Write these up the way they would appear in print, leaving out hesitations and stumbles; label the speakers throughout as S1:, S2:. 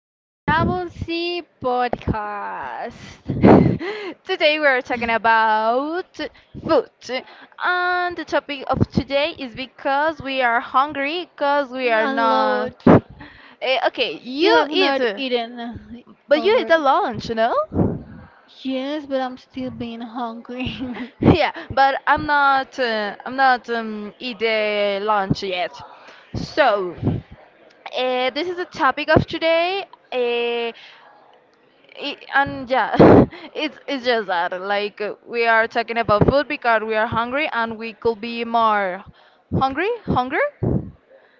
S1: Our double C podcast.
S2: Today we are talking about food, and the topic of today is because we are hungry, because we are
S1: A
S2: not.
S1: lot.
S2: Okay,
S1: We
S2: you
S1: have
S2: eat,
S1: not eaten
S2: but you eat at
S1: already.
S2: lunch,
S1: Yes, but I'm still being hungry.
S2: Yeah, but I'm not. I'm not eat the lunch yet. So, this is the topic of today. Uh, and yeah it's just that we are talking about food because we are hungry and we could be more hungry. Hunger.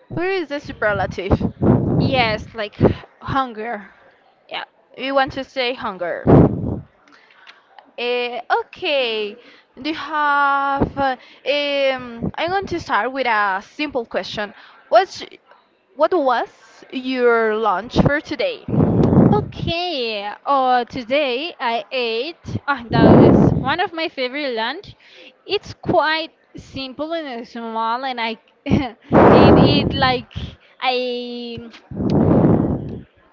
S2: Where is the superlative?
S1: Yes, like hunger.
S2: Yeah, we want to say hunger. Okay, do you have I'm going to start with a simple question. What's what was your lunch for today?
S1: Okay, today I ate, ah, that was one of my favorite lunch. It's quite simple and small, and I ate it like I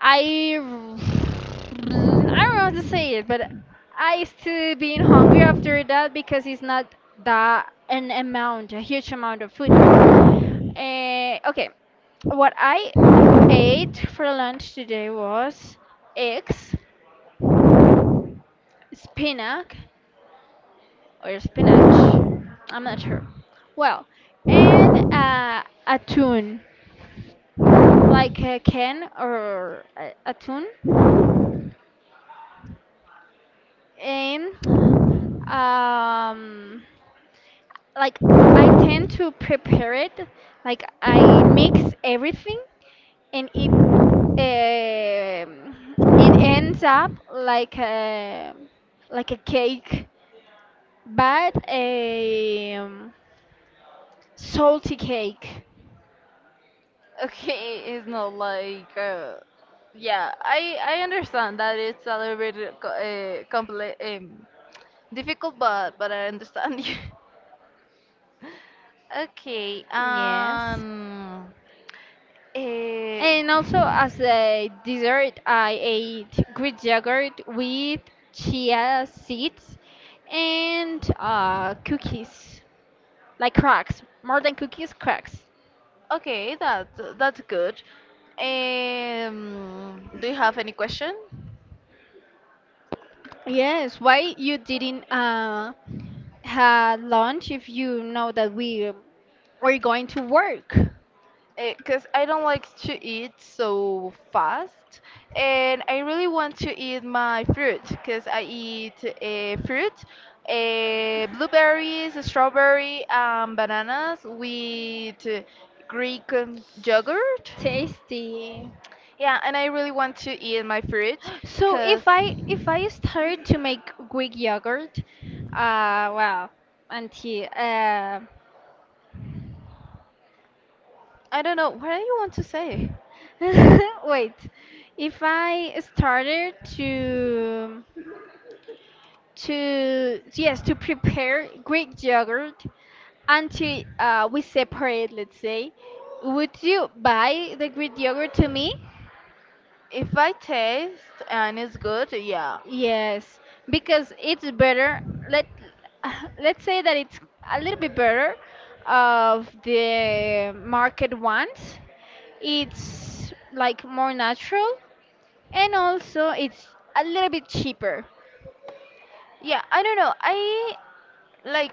S1: I don't know how to say it, but I still being hungry after that because it's not that an amount, a huge amount of food. Okay, what I ate for lunch today was eggs, spinach or spinach, I'm not sure. Well, and a tuna, like a can or a tuna and um like I tend to prepare it, like I mix everything, and it it ends up like a cake, but a salty cake.
S2: Okay, it's not yeah, I understand that it's a little bit complex, difficult, but I understand you. Okay,
S1: Yes,
S2: um, eh,
S1: and also as a dessert I ate Greek yogurt with chia seeds and cookies. Like cracks, more than cookies, cracks.
S2: okay, that's that's good. Do you have any question?
S1: Yes, why you didn't have lunch if you know that we were going to work?
S2: Because I don't like to eat so fast, and I really want to eat my fruit because I eat fruit, blueberries, strawberry, bananas with Greek yogurt.
S1: Tasty.
S2: Yeah, and I really want to eat my fruit
S1: So
S2: because
S1: if I started to make Greek yogurt, well, auntie.
S2: I don't know what do you want to say.
S1: Wait, if I started to yes to prepare Greek yogurt until we separate. Let's say, would you buy the Greek yogurt to me?
S2: If I taste and it's good, yeah,
S1: Yes, because it's better. Let let's say that it's a little bit better of the market ones. It's like more natural, and also it's a little bit cheaper.
S2: yeah. I don't know. I like.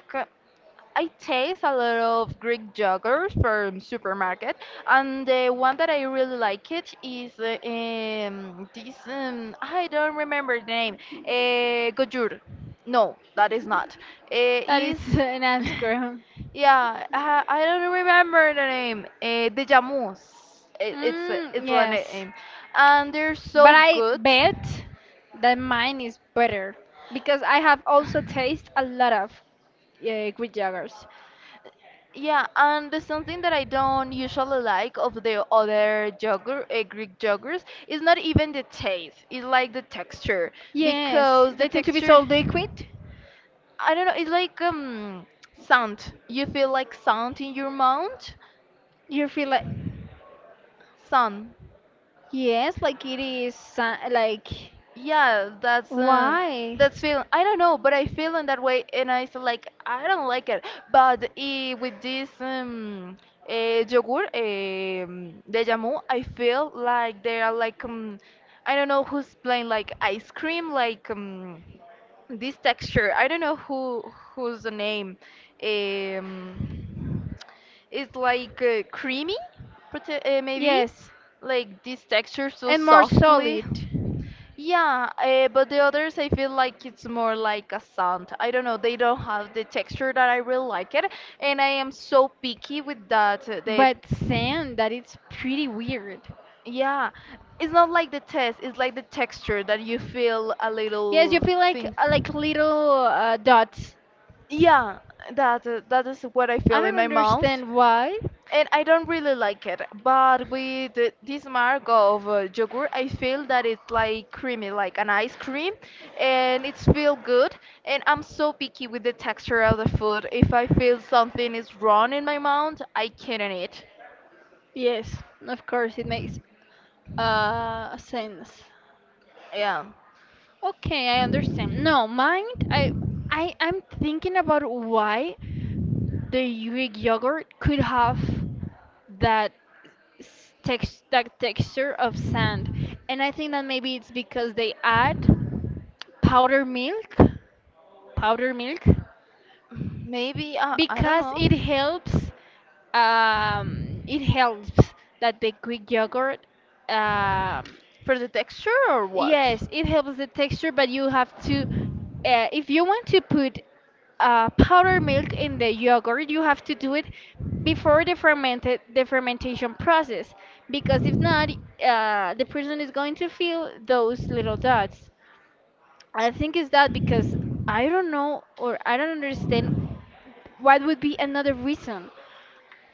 S2: I taste a lot of Greek yogurt from supermarket, and the one that I really like it is this I don't remember the name. Gojur. No, that is not.
S1: That is
S2: Is
S1: an ice cream.
S2: yeah, I don't remember the name. The Jamus. It's
S1: Mm,
S2: the
S1: yes.
S2: name, and they're so
S1: But I
S2: good.
S1: bet that mine is better because I have also tasted a lot of Greek yogurts.
S2: Yeah, and there's something that I don't usually like of the other yogurt, Greek yogurts, is not even the taste. It's like the texture
S1: Yes,
S2: because the
S1: they tend to be
S2: texture,
S1: so liquid.
S2: I don't know, it's like sand. You feel like sand in your mouth,
S1: You feel like
S2: sand.
S1: yes, like it is so- like
S2: Yeah,
S1: why?
S2: that's feeling. I don't know, but I feel in that way, and I feel like I don't like it. But with this yogurt, de jamu, I feel like they are like I don't know who's playing like ice cream, like this texture. I don't know who who's the name. Um, it's like creamy, maybe
S1: Yes,
S2: like this texture so
S1: and more
S2: softly.
S1: solid.
S2: Yeah, but the others I feel like it's more like a sand. I don't know, they don't have the texture that I really like it, and I am so picky with that.
S1: But sand, that it's pretty weird.
S2: Yeah, it's not like the taste, it's like the texture that you feel a
S1: Yes, you
S2: little
S1: feel
S2: things.
S1: like little dots.
S2: Yeah, that is what I
S1: I
S2: feel in
S1: don't
S2: my mouth
S1: understand why.
S2: and I don't really like it. But with this mark of yogurt, I feel that it's like creamy, like an ice cream, and it's feel good. And I'm so picky with the texture of the food. If I feel something is wrong in my mouth, I can't eat.
S1: Yes, of course it makes sense.
S2: Yeah,
S1: Okay, I understand. No, mine I I'm thinking about why the Greek yogurt could have that s- text that texture of sand. And I think that maybe it's because they add powder milk. Powder milk?
S2: maybe I don't
S1: Because
S2: know
S1: it helps, um, it helps that the Greek yogurt, um,
S2: for the texture or what.
S1: yes it helps the texture, but you have to if you want to put powder milk in the yogurt, you have to do it before the fermentation process, because if not, the person is going to feel those little dots. I think it's that because I don't know, or I don't understand what would be another reason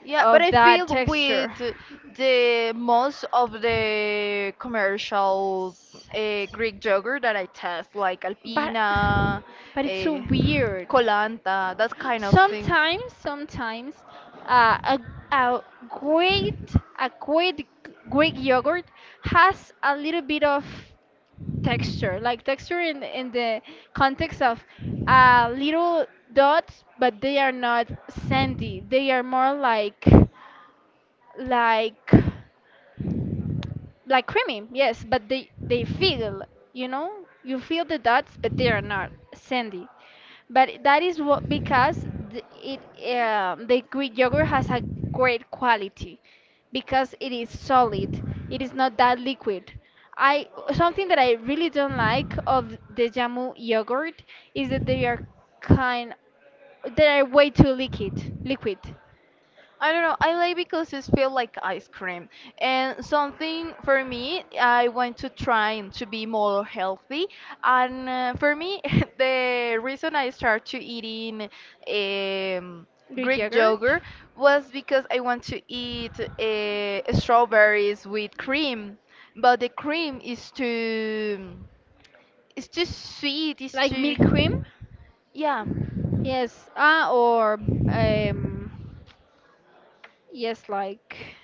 S2: Yeah, but
S1: of
S2: I
S1: that
S2: feel
S1: texture.
S2: with the most of the commercial Greek yogurt that I test, like
S1: But
S2: Alpina,
S1: but it's
S2: uh,
S1: so weird.
S2: Colanta, that kind of things.
S1: Sometimes, sometimes, uh, a, a great Greek yogurt has a little bit of texture, like texture in the context of little dots, but they are not sandy. They are more like like like creamy, yes, but they feel, you know, you feel the dots, but they are not sandy. But that is what because the Greek yogurt has a great quality because it is solid. It is not that liquid. I something that I really don't like of the Jamu yogurt is that they are kind, they are way too liquid, liquid.
S2: I don't know. I like because it feels like ice cream. And something for me, I want to try to be more healthy. And for me, the reason I start to eating um,
S1: Greek
S2: Greek
S1: yogurt
S2: yogurt was because I want to eat strawberries with cream, but the cream is too, it's too sweet. It's
S1: like milk cream.
S2: too, yeah,
S1: Yes, ah, or um, yes, like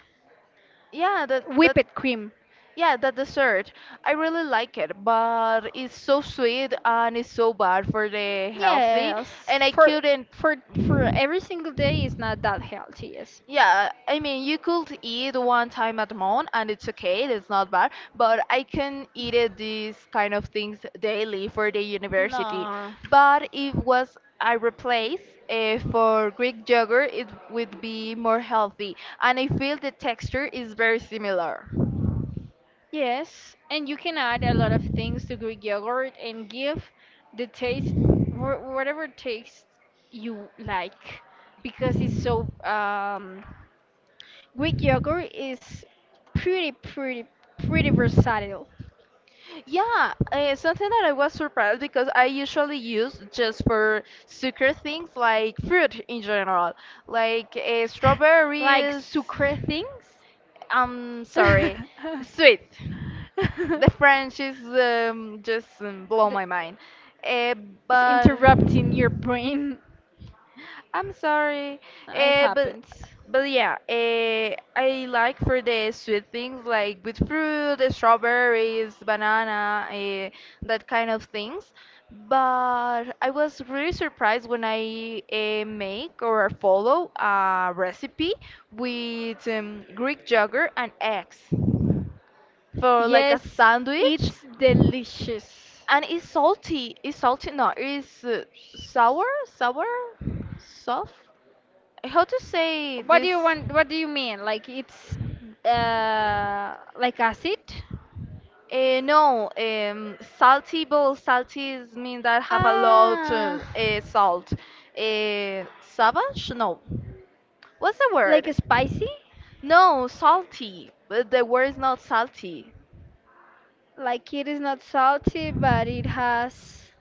S2: yeah. That that
S1: whipped cream.
S2: yeah, the dessert. I really like it, but it's so sweet and it's so bad for the healthy.
S1: Yes,
S2: And I
S1: for
S2: couldn't,
S1: for for every single day is not that healthy. Yes.
S2: yeah, I mean, you could eat one time at month and it's okay, it's not bad, but I can eat it, these kind of things daily for the university.
S1: No.
S2: But if was I replace for Greek yogurt, it would be more healthy. And I feel the texture is very similar.
S1: Yes, and you can add a lot of things to Greek yogurt and give the taste wh- whatever taste you like because it's so Greek yogurt is pretty pretty versatile.
S2: Yeah, something that I was surprised because I usually use just for sugar things like fruit in general, like
S1: Like
S2: strawberries.
S1: sucre things.
S2: I'm sorry, sweet. The French is just blow
S1: The-
S2: my mind. Uh,
S1: it's
S2: but
S1: interrupting your brain.
S2: I'm sorry,
S1: It
S2: uh, but
S1: happens.
S2: but yeah, I like for the sweet things like with fruit, strawberries, banana, that kind of things. But I was really surprised when I make or follow a recipe with Greek yogurt and eggs for like a
S1: Yes,
S2: sandwich,
S1: it's delicious.
S2: and it's salty. It's salty, no, it's sour, sour, soft, how to say
S1: What
S2: this?
S1: do you want? What do you mean? Like it's like acid?
S2: No, salty bowl. Salties mean that have a lot
S1: Ah,
S2: salt. Savage? No. What's the
S1: like
S2: word?
S1: spicy?
S2: No, salty. But the word is not salty.
S1: Like it is not salty, but it has.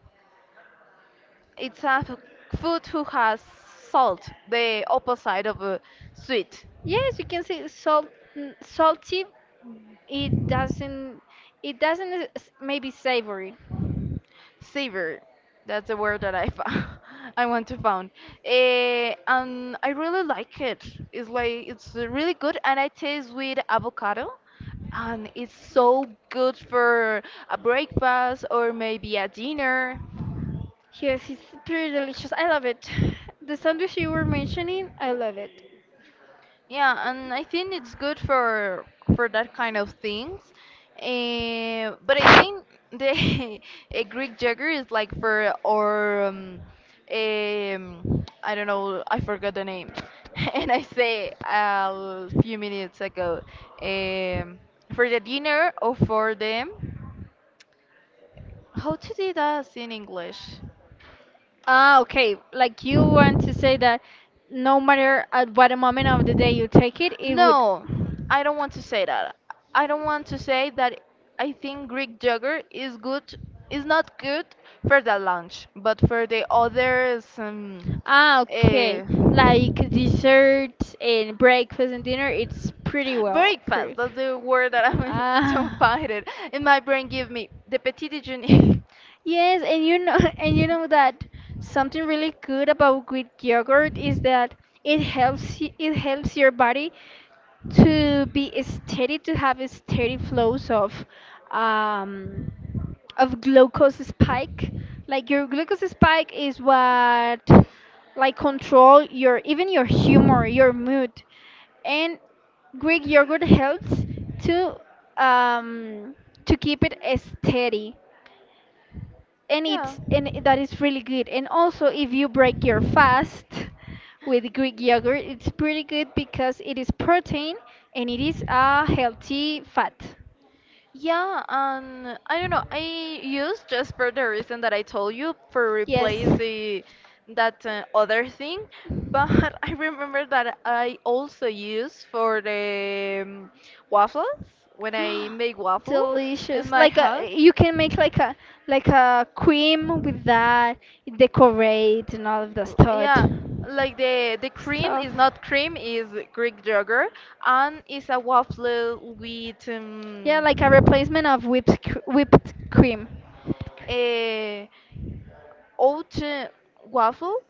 S2: It's a f- Food who has salt, the opposite of sweet.
S1: Yes, you can say salt. N- Salty. It doesn't. It doesn't. Maybe savory.
S2: Savor. That's the word that I found. I want to found. And I really like it. It's like it's really good, and I taste with avocado, and it's so good for a breakfast or maybe a dinner.
S1: Yes, it's pretty delicious. I love it. The sandwich you were mentioning, I love it.
S2: Yeah, and I think it's good for that kind of things. But I think the a Greek yogurt is like for or I don't know, I forgot the name. And I say a few minutes ago, um, for the dinner or for them. How to do that in English?
S1: Ah, okay. Like you want to say that no matter at what moment of the day you take it, it would.
S2: No, I don't want to say that. I don't want to say that I think Greek yogurt is good is not good for the lunch, but for the others
S1: Ah, okay.
S2: uh,
S1: Like desserts and breakfast and dinner, it's pretty well.
S2: breakfast.
S1: Pretty.
S2: That's the word that I don't
S1: Ah.
S2: find it. In my brain give me the petit déjeuner.
S1: Yes, and you know, and you know that something really good about Greek yogurt is that it helps y- it helps your body to be steady, to have a steady flows um, of glucose spike. Like your glucose spike is what like control your even your humor, your mood. And Greek yogurt helps to um to keep it steady. And
S2: Yeah.
S1: that is really good. And also if you break your fast with Greek yogurt, it's pretty good because it is protein and it is a healthy fat.
S2: Yeah, and I don't know. I use just for the reason that I told you for
S1: Yes.
S2: replace the that other thing, but I remember that I also use for the waffles when I make waffles in
S1: Delicious.
S2: my
S1: Like a,
S2: house.
S1: you can make like a cream with that, decorate and all of the stuff.
S2: Yeah, like the cream
S1: Stuff.
S2: is not cream, is Greek yogurt, and it's a waffle with um,
S1: Yeah, like a replacement of whipped cream.
S2: a oat uh, waffle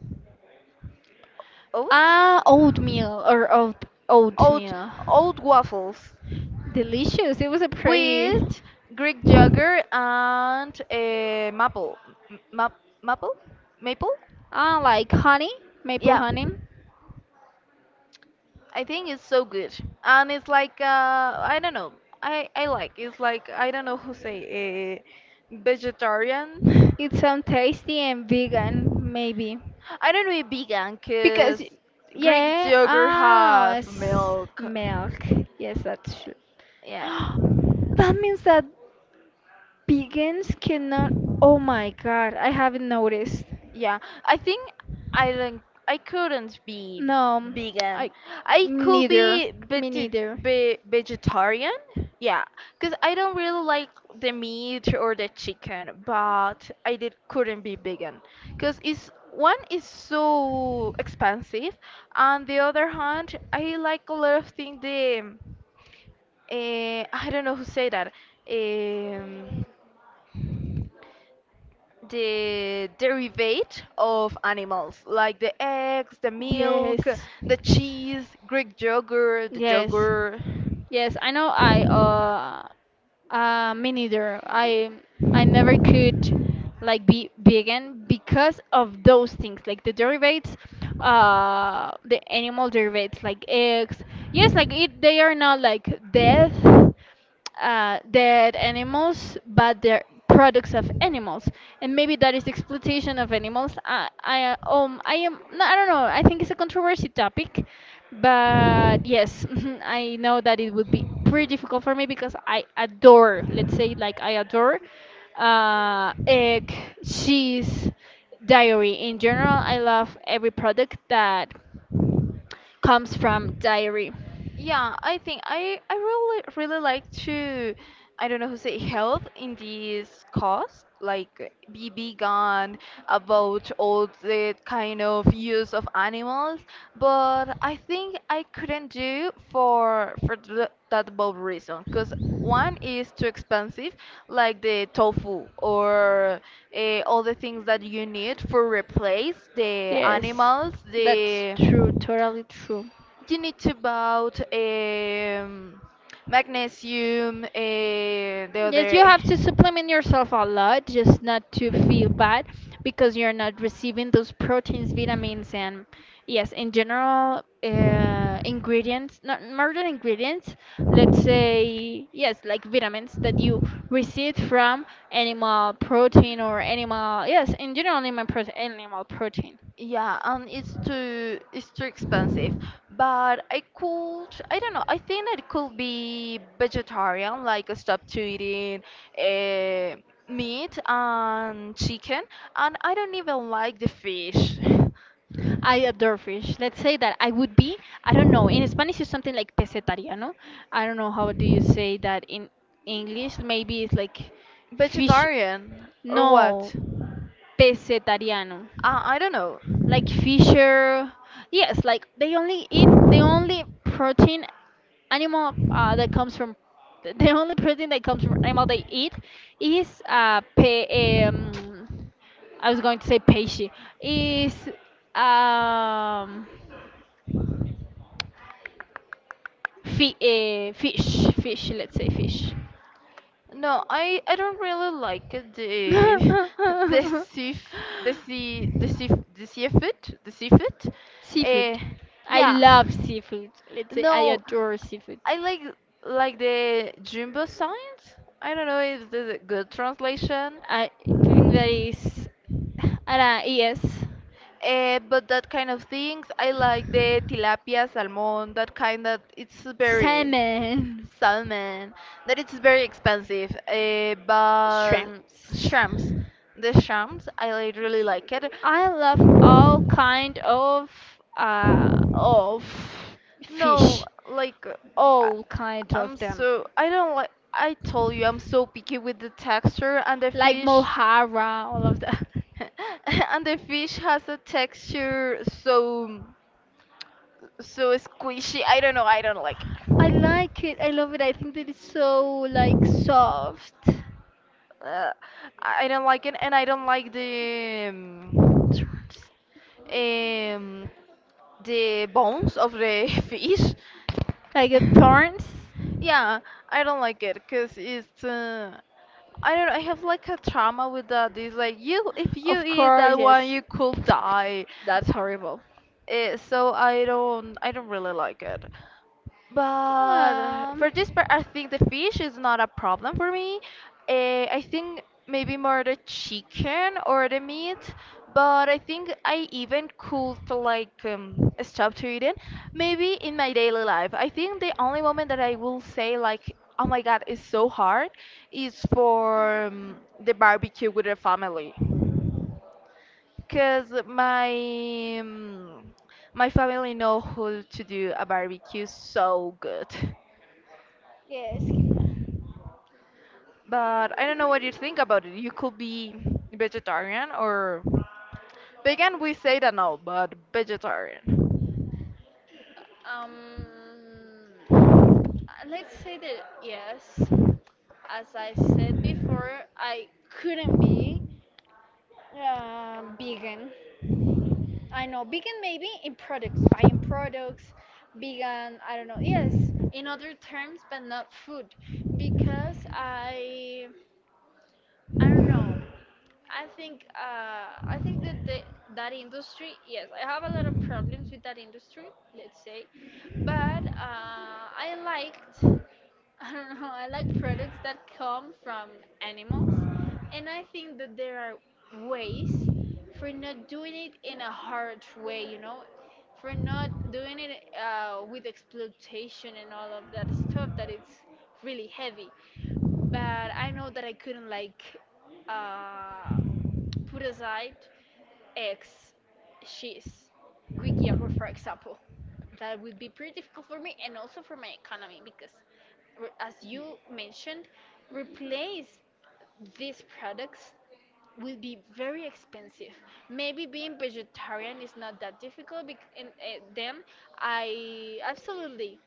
S2: oat
S1: Ah, oatmeal or
S2: oat
S1: oatmeal.
S2: oat waffles
S1: Delicious. It was a pretty
S2: with Greek yogurt and maple M- map, maple maple.
S1: ah like honey, maple
S2: Yeah,
S1: honey.
S2: I think it's so good, and it's like I don't know. I like it's like I don't know who say vegetarian.
S1: It sounds tasty and vegan, maybe.
S2: I don't know if vegan, cause
S1: Because,
S2: Greek
S1: yeah,
S2: yogurt
S1: ah,
S2: have
S1: was
S2: milk.
S1: milk. Yes, that's true.
S2: Yeah.
S1: That means that vegans cannot. Oh my god, I haven't noticed.
S2: Yeah, I think I don't, I couldn't be
S1: No,
S2: vegan.
S1: I
S2: I could
S1: neither.
S2: be
S1: Me neither.
S2: vegetarian. Yeah, because I don't really like the meat or the chicken, but I did couldn't be vegan because it's one is so expensive, on the other hand, I like a lot of things. The I don't know who say that. Um, the derivate of animals like the eggs, the milk,
S1: Yes.
S2: the cheese, greek yogurt, the
S1: Yes.
S2: yogurt.
S1: Yes, I know I me neither. I never could like be vegan because of those things like the derivatives, the animal derivatives like eggs, yes, like it they are not like death, dead animals, but they're products of animals, and maybe that is exploitation of animals. I am, no, I don't know. I think it's a controversy topic, but yes, I know that it would be pretty difficult for me because I adore, let's say, like I adore, egg, cheese, dairy in general. I love every product that comes from dairy.
S2: Yeah, I think I really really like to I don't know who say help in this cause like be vegan about all the kind of use of animals, but I think I couldn't do for that both reason because one is too expensive like the tofu or all the things that you need for replace the
S1: Yes,
S2: animals
S1: that's
S2: the
S1: true, totally true.
S2: you need to bought magnesium, the
S1: Yes, you
S2: other.
S1: have to supplement yourself a lot just not to feel bad because you're not receiving those proteins, vitamins, and yes, in general, ingredients, not more than ingredients, let's say, yes, like vitamins that you receive from animal protein or animal, yes, in general, animal, prote animal protein.
S2: Yeah, and it's too expensive. But I could I don't know. I think that it could be vegetarian, like stop to eating uh, meat and chicken. And I don't even like the fish.
S1: I adore fish. Let's say that I would be, I don't know, in Spanish it's something like pesetaria, no? I don't know how do you say that in English. Maybe it's like fish,
S2: Vegetarian or what?
S1: no, pesetariano,
S2: I don't know.
S1: like fisher, yes, like they only eat the only protein animal that comes from the only protein that comes from animal they eat is I was going to say peixe is um fish, let's say fish.
S2: No, I don't really like the the sea f- the seafood the seafood. Uh,
S1: Seafood. I
S2: yeah.
S1: love seafood, let's say I
S2: No,
S1: adore seafood.
S2: I like the jumbo signs. I don't know if this is a good translation.
S1: I think that is. Yes.
S2: But that kind of things, I like the tilapia, salmon, that kind that it's very,
S1: Salmon.
S2: salmon, that it's very expensive, but
S1: Shrimps.
S2: shrimps, the shrimps, I like, really like it.
S1: I love all kind of uh of
S2: No,
S1: fish.
S2: I,
S1: All kind of
S2: I'm
S1: them.
S2: so, I don't like, I told you, I'm so picky with the texture and the
S1: Like
S2: fish.
S1: Mohara, all of that.
S2: And the fish has a texture so so squishy. I don't know. I don't like
S1: I like it. I love it. I think that it's so
S2: it.
S1: like soft.
S2: Uh, I don't like it, and I don't like um, the bones of the fish.
S1: Like it turns?
S2: Yeah, I don't like it because it's I don't I have like a trauma with that. It's like you if you
S1: Of
S2: eat
S1: course,
S2: that one
S1: yes.
S2: you could die.
S1: That's horrible.
S2: So I don't really like it. But
S1: Um,
S2: for this part, I think the fish is not a problem for me. I think maybe more the chicken or the meat, but I think I even could like stop to eating. Maybe in my daily life, I think the only moment that I will say like, "Oh my God, it's so hard," is for the barbecue with the family. Cause my mm, my family know how to do a barbecue so good.
S1: Yes. c-
S2: But I don't know what you think about it. You could be vegetarian or vegan. We say that no, but vegetarian.
S1: Um, let's say that yes. As I said before, I couldn't be vegan. I know vegan maybe in products, buying products, vegan. I don't know. Yes. In other terms, but not food, because I don't know. I think that that industry, yes, I have a lot of problems with that industry, let's say, but I liked, I don't know, I like products that come from animals, and I think that there are ways for not doing it in a hard way, you know, for not doing it with exploitation and all of that stuff that it's really heavy. But I know that I couldn't like uh, put aside ex, she's, Greek yogurt, for example. That would be pretty difficult for me, and also for my economy because, re- as you mentioned, replace these products will be very expensive. Maybe being vegetarian is not that difficult, bec- and then I absolutely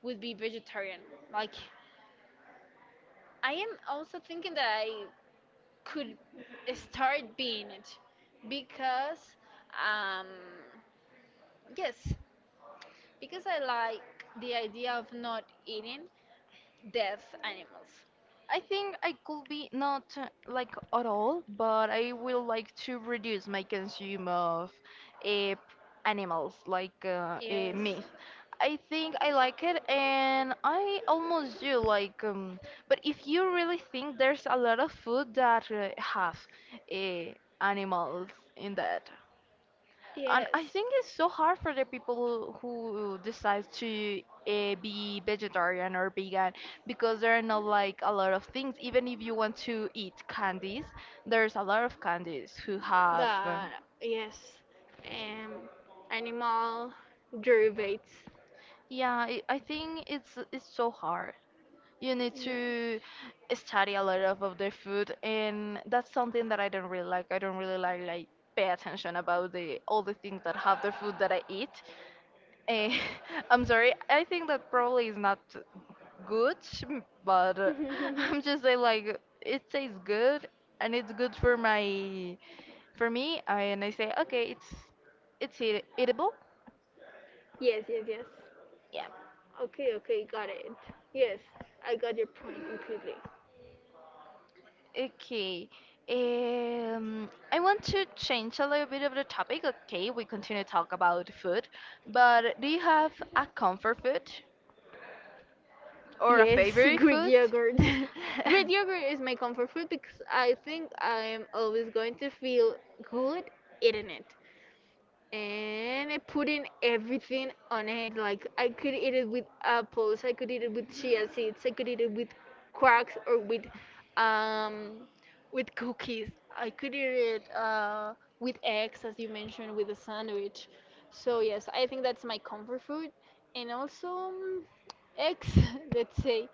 S1: would be vegetarian. Like I am also thinking that I could start being it because um yes because I like the idea of not eating dead animals.
S2: I think I could be not like at all, but I will like to reduce my consume of uh, animals like
S1: Yes,
S2: meat. I think I like it, and I almost do like. But if you really think there's a lot of food that have uh, animals in that, and I
S1: yes,
S2: think it's so hard for the people who decide to be vegetarian or vegan because there are not like a lot of things. Even if you want to eat candies, there's a lot of candies who have.
S1: that yes, um animal derivatives.
S2: Yeah, I think it's so hard. You need to
S1: Yes.
S2: study a lot of the food, and that's something that I don't really like. I don't really like pay attention about the all the things that have the food that I eat Eh, I'm sorry. I think that probably is not good, m- but I'm just saying like it tastes good and it's good for my for me. And I say okay, it's eat eatable.
S1: Yes, yes, yes. Okay, okay, got it. Yes, I got your point completely.
S2: Okay. I want to change a little bit of the topic. Okay, we continue to talk about food, but do you have a comfort food or a
S1: Yes,
S2: favorite
S1: Greek
S2: food?
S1: yogurt. Greek yogurt is my comfort food because I think I'm always going to feel good eating it. And I put in everything on it. Like I could eat it with apples, I could eat it with chia seeds, I could eat it with quarks or um with cookies. I could eat it with eggs, as you mentioned, with a sandwich. So yes, I think that's my comfort food, and also eggs. Let's say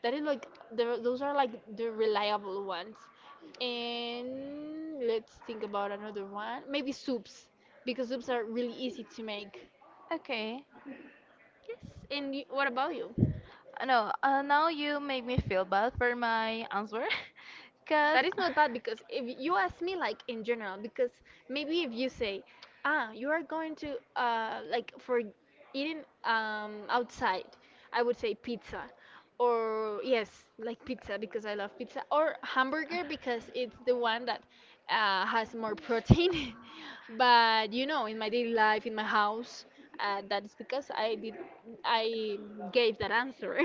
S1: that is like the, those are like the reliable ones. And let's think about another one. Maybe soups, because soups are really easy to make.
S2: Okay.
S1: Yes, and y what about you?
S2: I know. Now you make me feel bad for my answer,
S1: That
S2: cause
S1: is not bad because if you ask me, like in general, because maybe if you say, ah, you are going to, like for eating outside, I would say pizza. Or, yes, like pizza because I love pizza. Or hamburger because it's the one that has more protein. But, you know, in my daily life, in my house, that is because I gave that answer.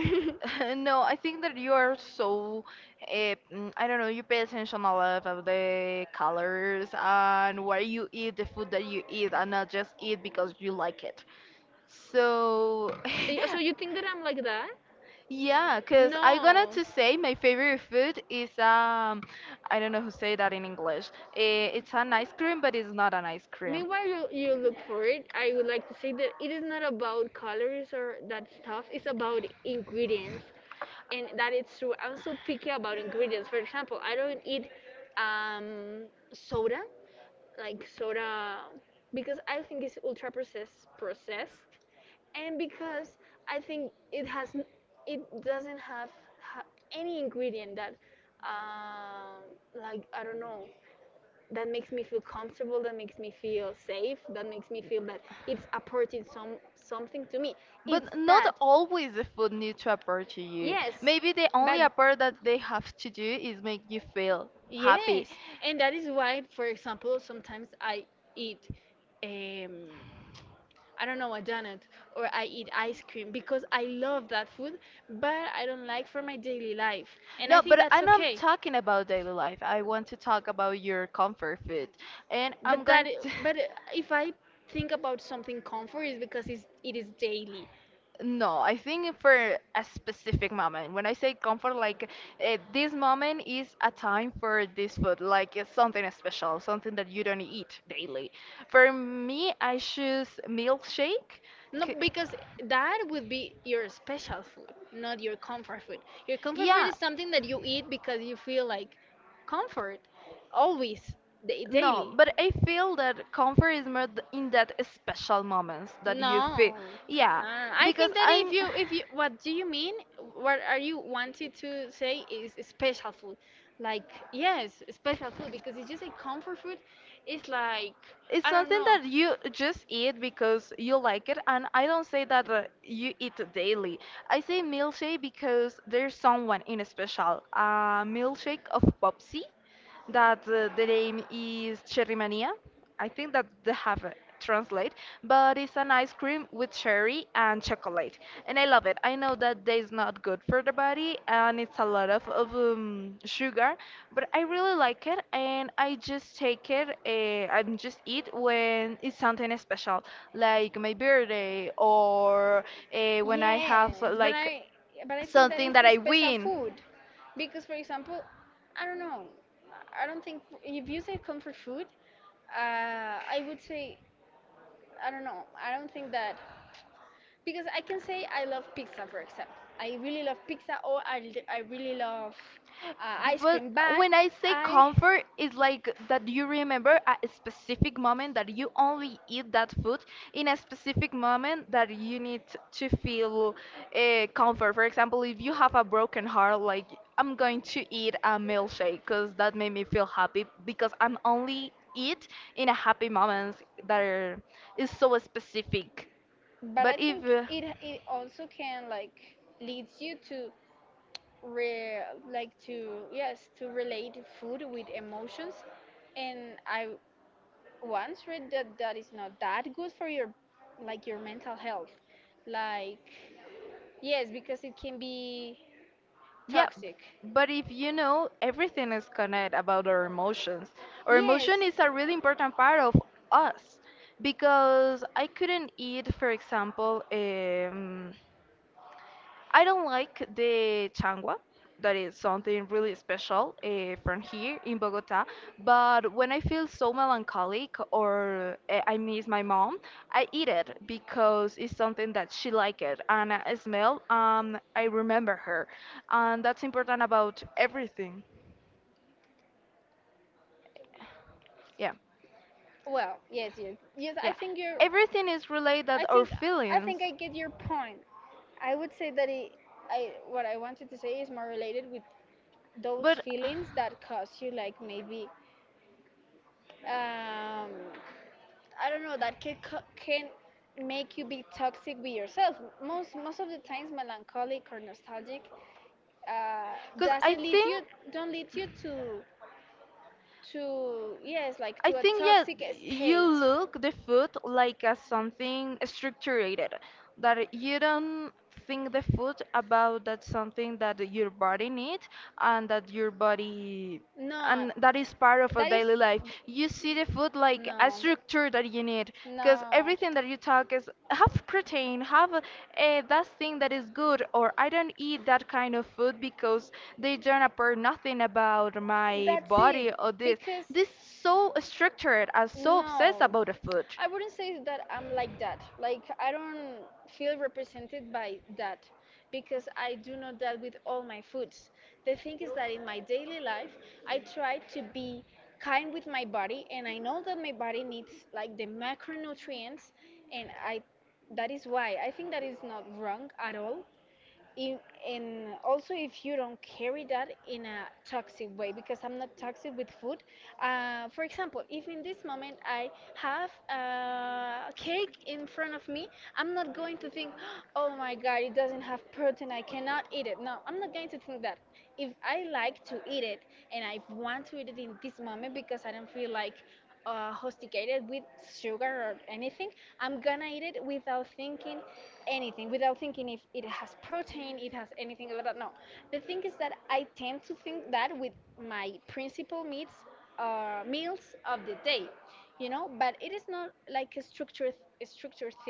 S2: no, I think that you are so. Uh, I don't know. You pay attention a lot of the colors and where you eat the food that you eat, and not just eat because you like it. So.
S1: So you think that I'm like that?
S2: Yeah, because I gonna
S1: No.
S2: to say my favorite food is. I don't know who say that in English. Eh, it's an ice cream, but it's not an ice cream.
S1: Meanwhile, you look for it. I would like to say that it is not about colors or that stuff. It's about ingredients, and that it's true. I'm so picky about ingredients. For example, I don't eat um, soda, like soda, because I think it's ultra processed. Processed, and because I think it doesn't have ha- any ingredient that um like I don't know, that makes me feel comfortable, that makes me feel safe, that makes me feel that it's apporting something to me. It's
S2: But
S1: that.
S2: not always the food needs to appeal to you.
S1: Yes,
S2: Maybe the
S1: but
S2: only And appeal that they have to do is make you feel
S1: yes,
S2: happy.
S1: and
S2: Yes,
S1: that is why, for example, sometimes I eat, um I don't know, a donut, or I eat ice cream because I love that food, but I don't like for my daily life. And I
S2: no,
S1: think
S2: but
S1: that's
S2: I'm not
S1: okay.
S2: talking about daily life. I want to talk about your comfort food. And but I'm
S1: But
S2: that
S1: that,
S2: going to.
S1: but if I think about something comfort, is because it's, it is daily.
S2: No, I think for a specific moment. When I say comfort, like this moment is a time for this food, like it's something special, something that you don't eat daily. For me, I choose milkshake.
S1: Not
S2: c-
S1: because that would be your special food, not your comfort food. Your comfort food is
S2: Yeah.
S1: something that you eat because you feel like comfort always, daily.
S2: No, but I feel that comfort is more in that special moments
S1: No, no,
S2: that you feel.
S1: no.
S2: Yeah,
S1: no. I think
S2: because
S1: that
S2: I'm.
S1: if you, what do you mean? What are you wanting to say is special food? Like, yes, special food because it's just a comfort food. It's like, I
S2: It's
S1: don't
S2: something
S1: know.
S2: that you just eat because you like it, and I don't say that you eat daily. I say milkshake because there's someone in a special. A milkshake of Popsy that the name is Cherry Mania. I think that they have a translate, but it's an ice cream with cherry and chocolate, and I love it. I know that that is not good for the body and it's a lot of sugar, but I really like it, and I just take it and just eat when it's something special, like my birthday or when I have
S1: Yes,
S2: like
S1: but I think that
S2: something
S1: it's a
S2: that I
S1: special
S2: win.
S1: food because, for example, I don't know. I don't think if you say comfort food, uh, I would say, I don't know. I don't think that. Because I can say I love pizza, for example. I really love pizza, or I really love ice
S2: But
S1: cream. But
S2: when I say
S1: I,
S2: comfort, it's like that you remember a specific moment that you only eat that food in a specific moment that you need to feel comfort. For example, if you have a broken heart, like I'm going to eat a milkshake because that made me feel happy because I'm only eat in a happy moments that are, is so specific.
S1: but I
S2: But if
S1: think it also can, like, leads you to re, like to, yes, to relate food with emotions. And I once read that that is not that good for your, like, your mental health. Like, yes, because it can be
S2: yeah,
S1: toxic.
S2: but if you know, everything is connected about our emotions. Our
S1: Yes,
S2: emotion is a really important part of us because I couldn't eat, for example, I don't like the changua. That is something really special from here in Bogota. But when I feel so melancholic or I miss my mom, I eat it because it's something that she liked it and I smell and I remember her. And that's important about everything. Yeah.
S1: well, yes, I
S2: Yeah.
S1: think you're,
S2: Everything is
S1: I
S2: related
S1: think,
S2: or
S1: I think
S2: feelings.
S1: I get your point. I would say that it, I, what I wanted to say is more related with those
S2: But
S1: feelings that cause you, like, maybe um, I don't know, that can make you be toxic with yourself. Most of the times, melancholic or nostalgic, uh,
S2: because
S1: doesn't lead you, don't lead you to, yes, like to
S2: I
S1: a
S2: think yeah,
S1: toxic
S2: you
S1: state.
S2: look the food like as something structured, that you don't think the food about that something that your body needs and that your body
S1: No,
S2: and that is part of
S1: that
S2: a
S1: is
S2: daily life. You see the food like a
S1: no.
S2: structure that you need because
S1: No.
S2: everything that you talk is have protein have a, that thing that is good or I don't eat that kind of food because they don't appear nothing about my
S1: That's it.
S2: body or this
S1: Because
S2: this so structured are so obsessed
S1: no,
S2: about the food.
S1: I wouldn't say that I'm like that. Like I don't feel represented by that because I do not that with all my foods. The thing is that in my daily life, I try to be kind with my body, and I know that my body needs like the macronutrients. And I, that is why I think that is not wrong at all in, and also if you don't carry that in a toxic way, because I'm not toxic with food. For example, if in this moment I have a cake in front of me, I'm not going to think, oh my god, it doesn't have protein, I cannot eat it. No, I'm not going to think that. If I like to eat it and I want to eat it in this moment because I don't feel like hostigated with sugar or anything, I'm gonna eat it without thinking anything, without thinking if it has protein, it has anything like that. No. The thing is that I tend to think that with my principal meats, meals of the day, you know, but it is not like a structured thing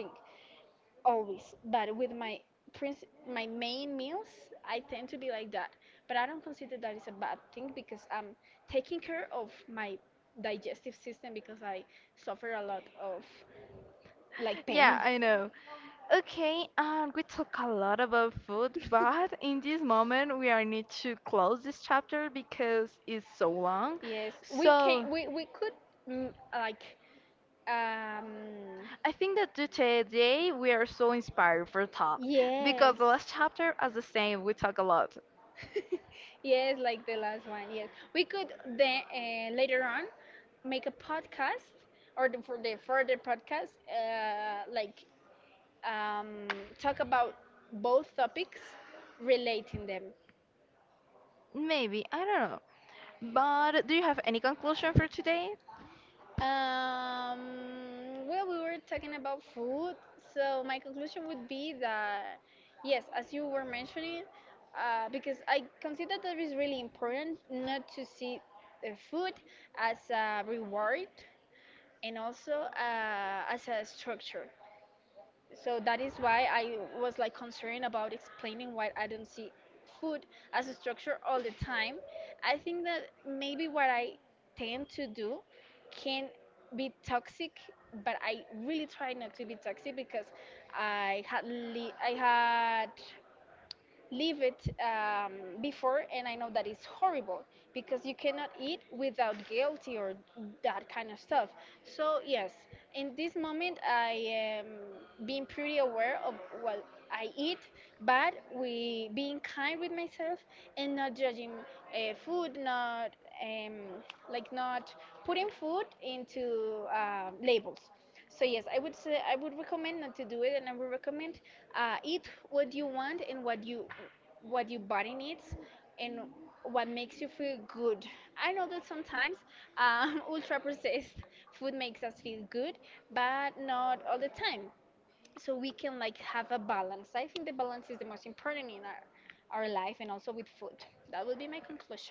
S1: always, but with my my main meals I tend to be like that. But I don't consider that is a bad thing because I'm taking care of my digestive system because I suffer a lot of like pain.
S2: Yeah, I know. Okay, we talk a lot about food, but in this moment we are need to close this chapter because it's so long.
S1: Yes, we can,
S2: So
S1: we could, mm, like, um
S2: I think that to today we are so inspired for talk
S1: yes.
S2: because the last chapter, as the same, we talk a lot.
S1: Yes, like the last one. Yes, we could then, later on, make a podcast, or the, for the further podcast, like, um, talk about both topics, relating them.
S2: Maybe I don't know. But do you have any conclusion for today?
S1: Well, we were talking about food, so my conclusion would be that, yes, as you were mentioning, because I consider that it's really important not to see the food as a reward, and also as a structure. So that is why I was like concerned about explaining why I don't see food as a structure all the time. I think that maybe what I tend to do can be toxic, but I really try not to be toxic because I had leave it, before, and I know that it's horrible because you cannot eat without guilty or that kind of stuff. So yes, in this moment I am being pretty aware of what I eat, but we being kind with myself, and not judging food, not um, like not putting food into labels. So yes, I would say I would recommend not to do it, and I would recommend eat what you want, and what you, what your body needs, and what makes you feel good. I know that sometimes ultra processed food makes us feel good, but not all the time. So we can like have a balance. I think the balance is the most important in our life, and also with food. That would be my conclusion.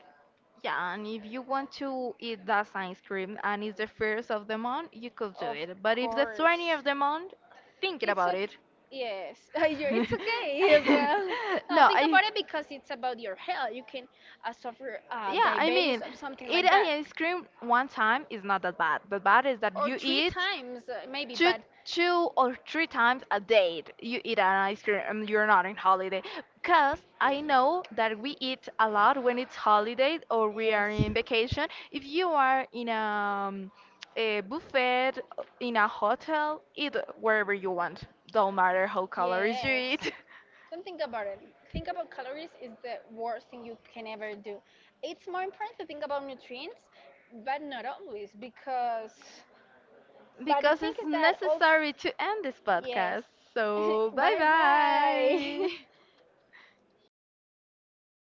S2: Yeah, and if you want to eat that ice cream and it's the first of the month, you could do
S1: Of
S2: it. But if the
S1: course.
S2: 20th of the month, think
S1: It's
S2: about
S1: okay.
S2: it.
S1: Yes, You- it's okay as well. Now
S2: No,
S1: think about
S2: I
S1: it because it's about your health. You can suffer
S2: yeah, I
S1: diabetes
S2: mean,
S1: or something like
S2: eating
S1: that,
S2: ice cream one time is not that bad. The bad is
S1: or
S2: that you
S1: three
S2: eat
S1: times maybe.
S2: two
S1: But
S2: two or three times a day you eat an ice cream and you're not in holiday because I know that we eat a lot when it's holiday or we are
S1: yes,
S2: in vacation if you are in a buffet in a hotel eat wherever you want don't matter how calories you
S1: yes.
S2: eat
S1: Don't think about it. Think about calories is the worst thing you can ever do. It's more important to think about nutrients, but not always because. But the
S2: because
S1: thing is
S2: it's
S1: that all.
S2: necessary to end this
S1: Yes.
S2: podcast. So, bye
S1: Bye bye.
S2: bye.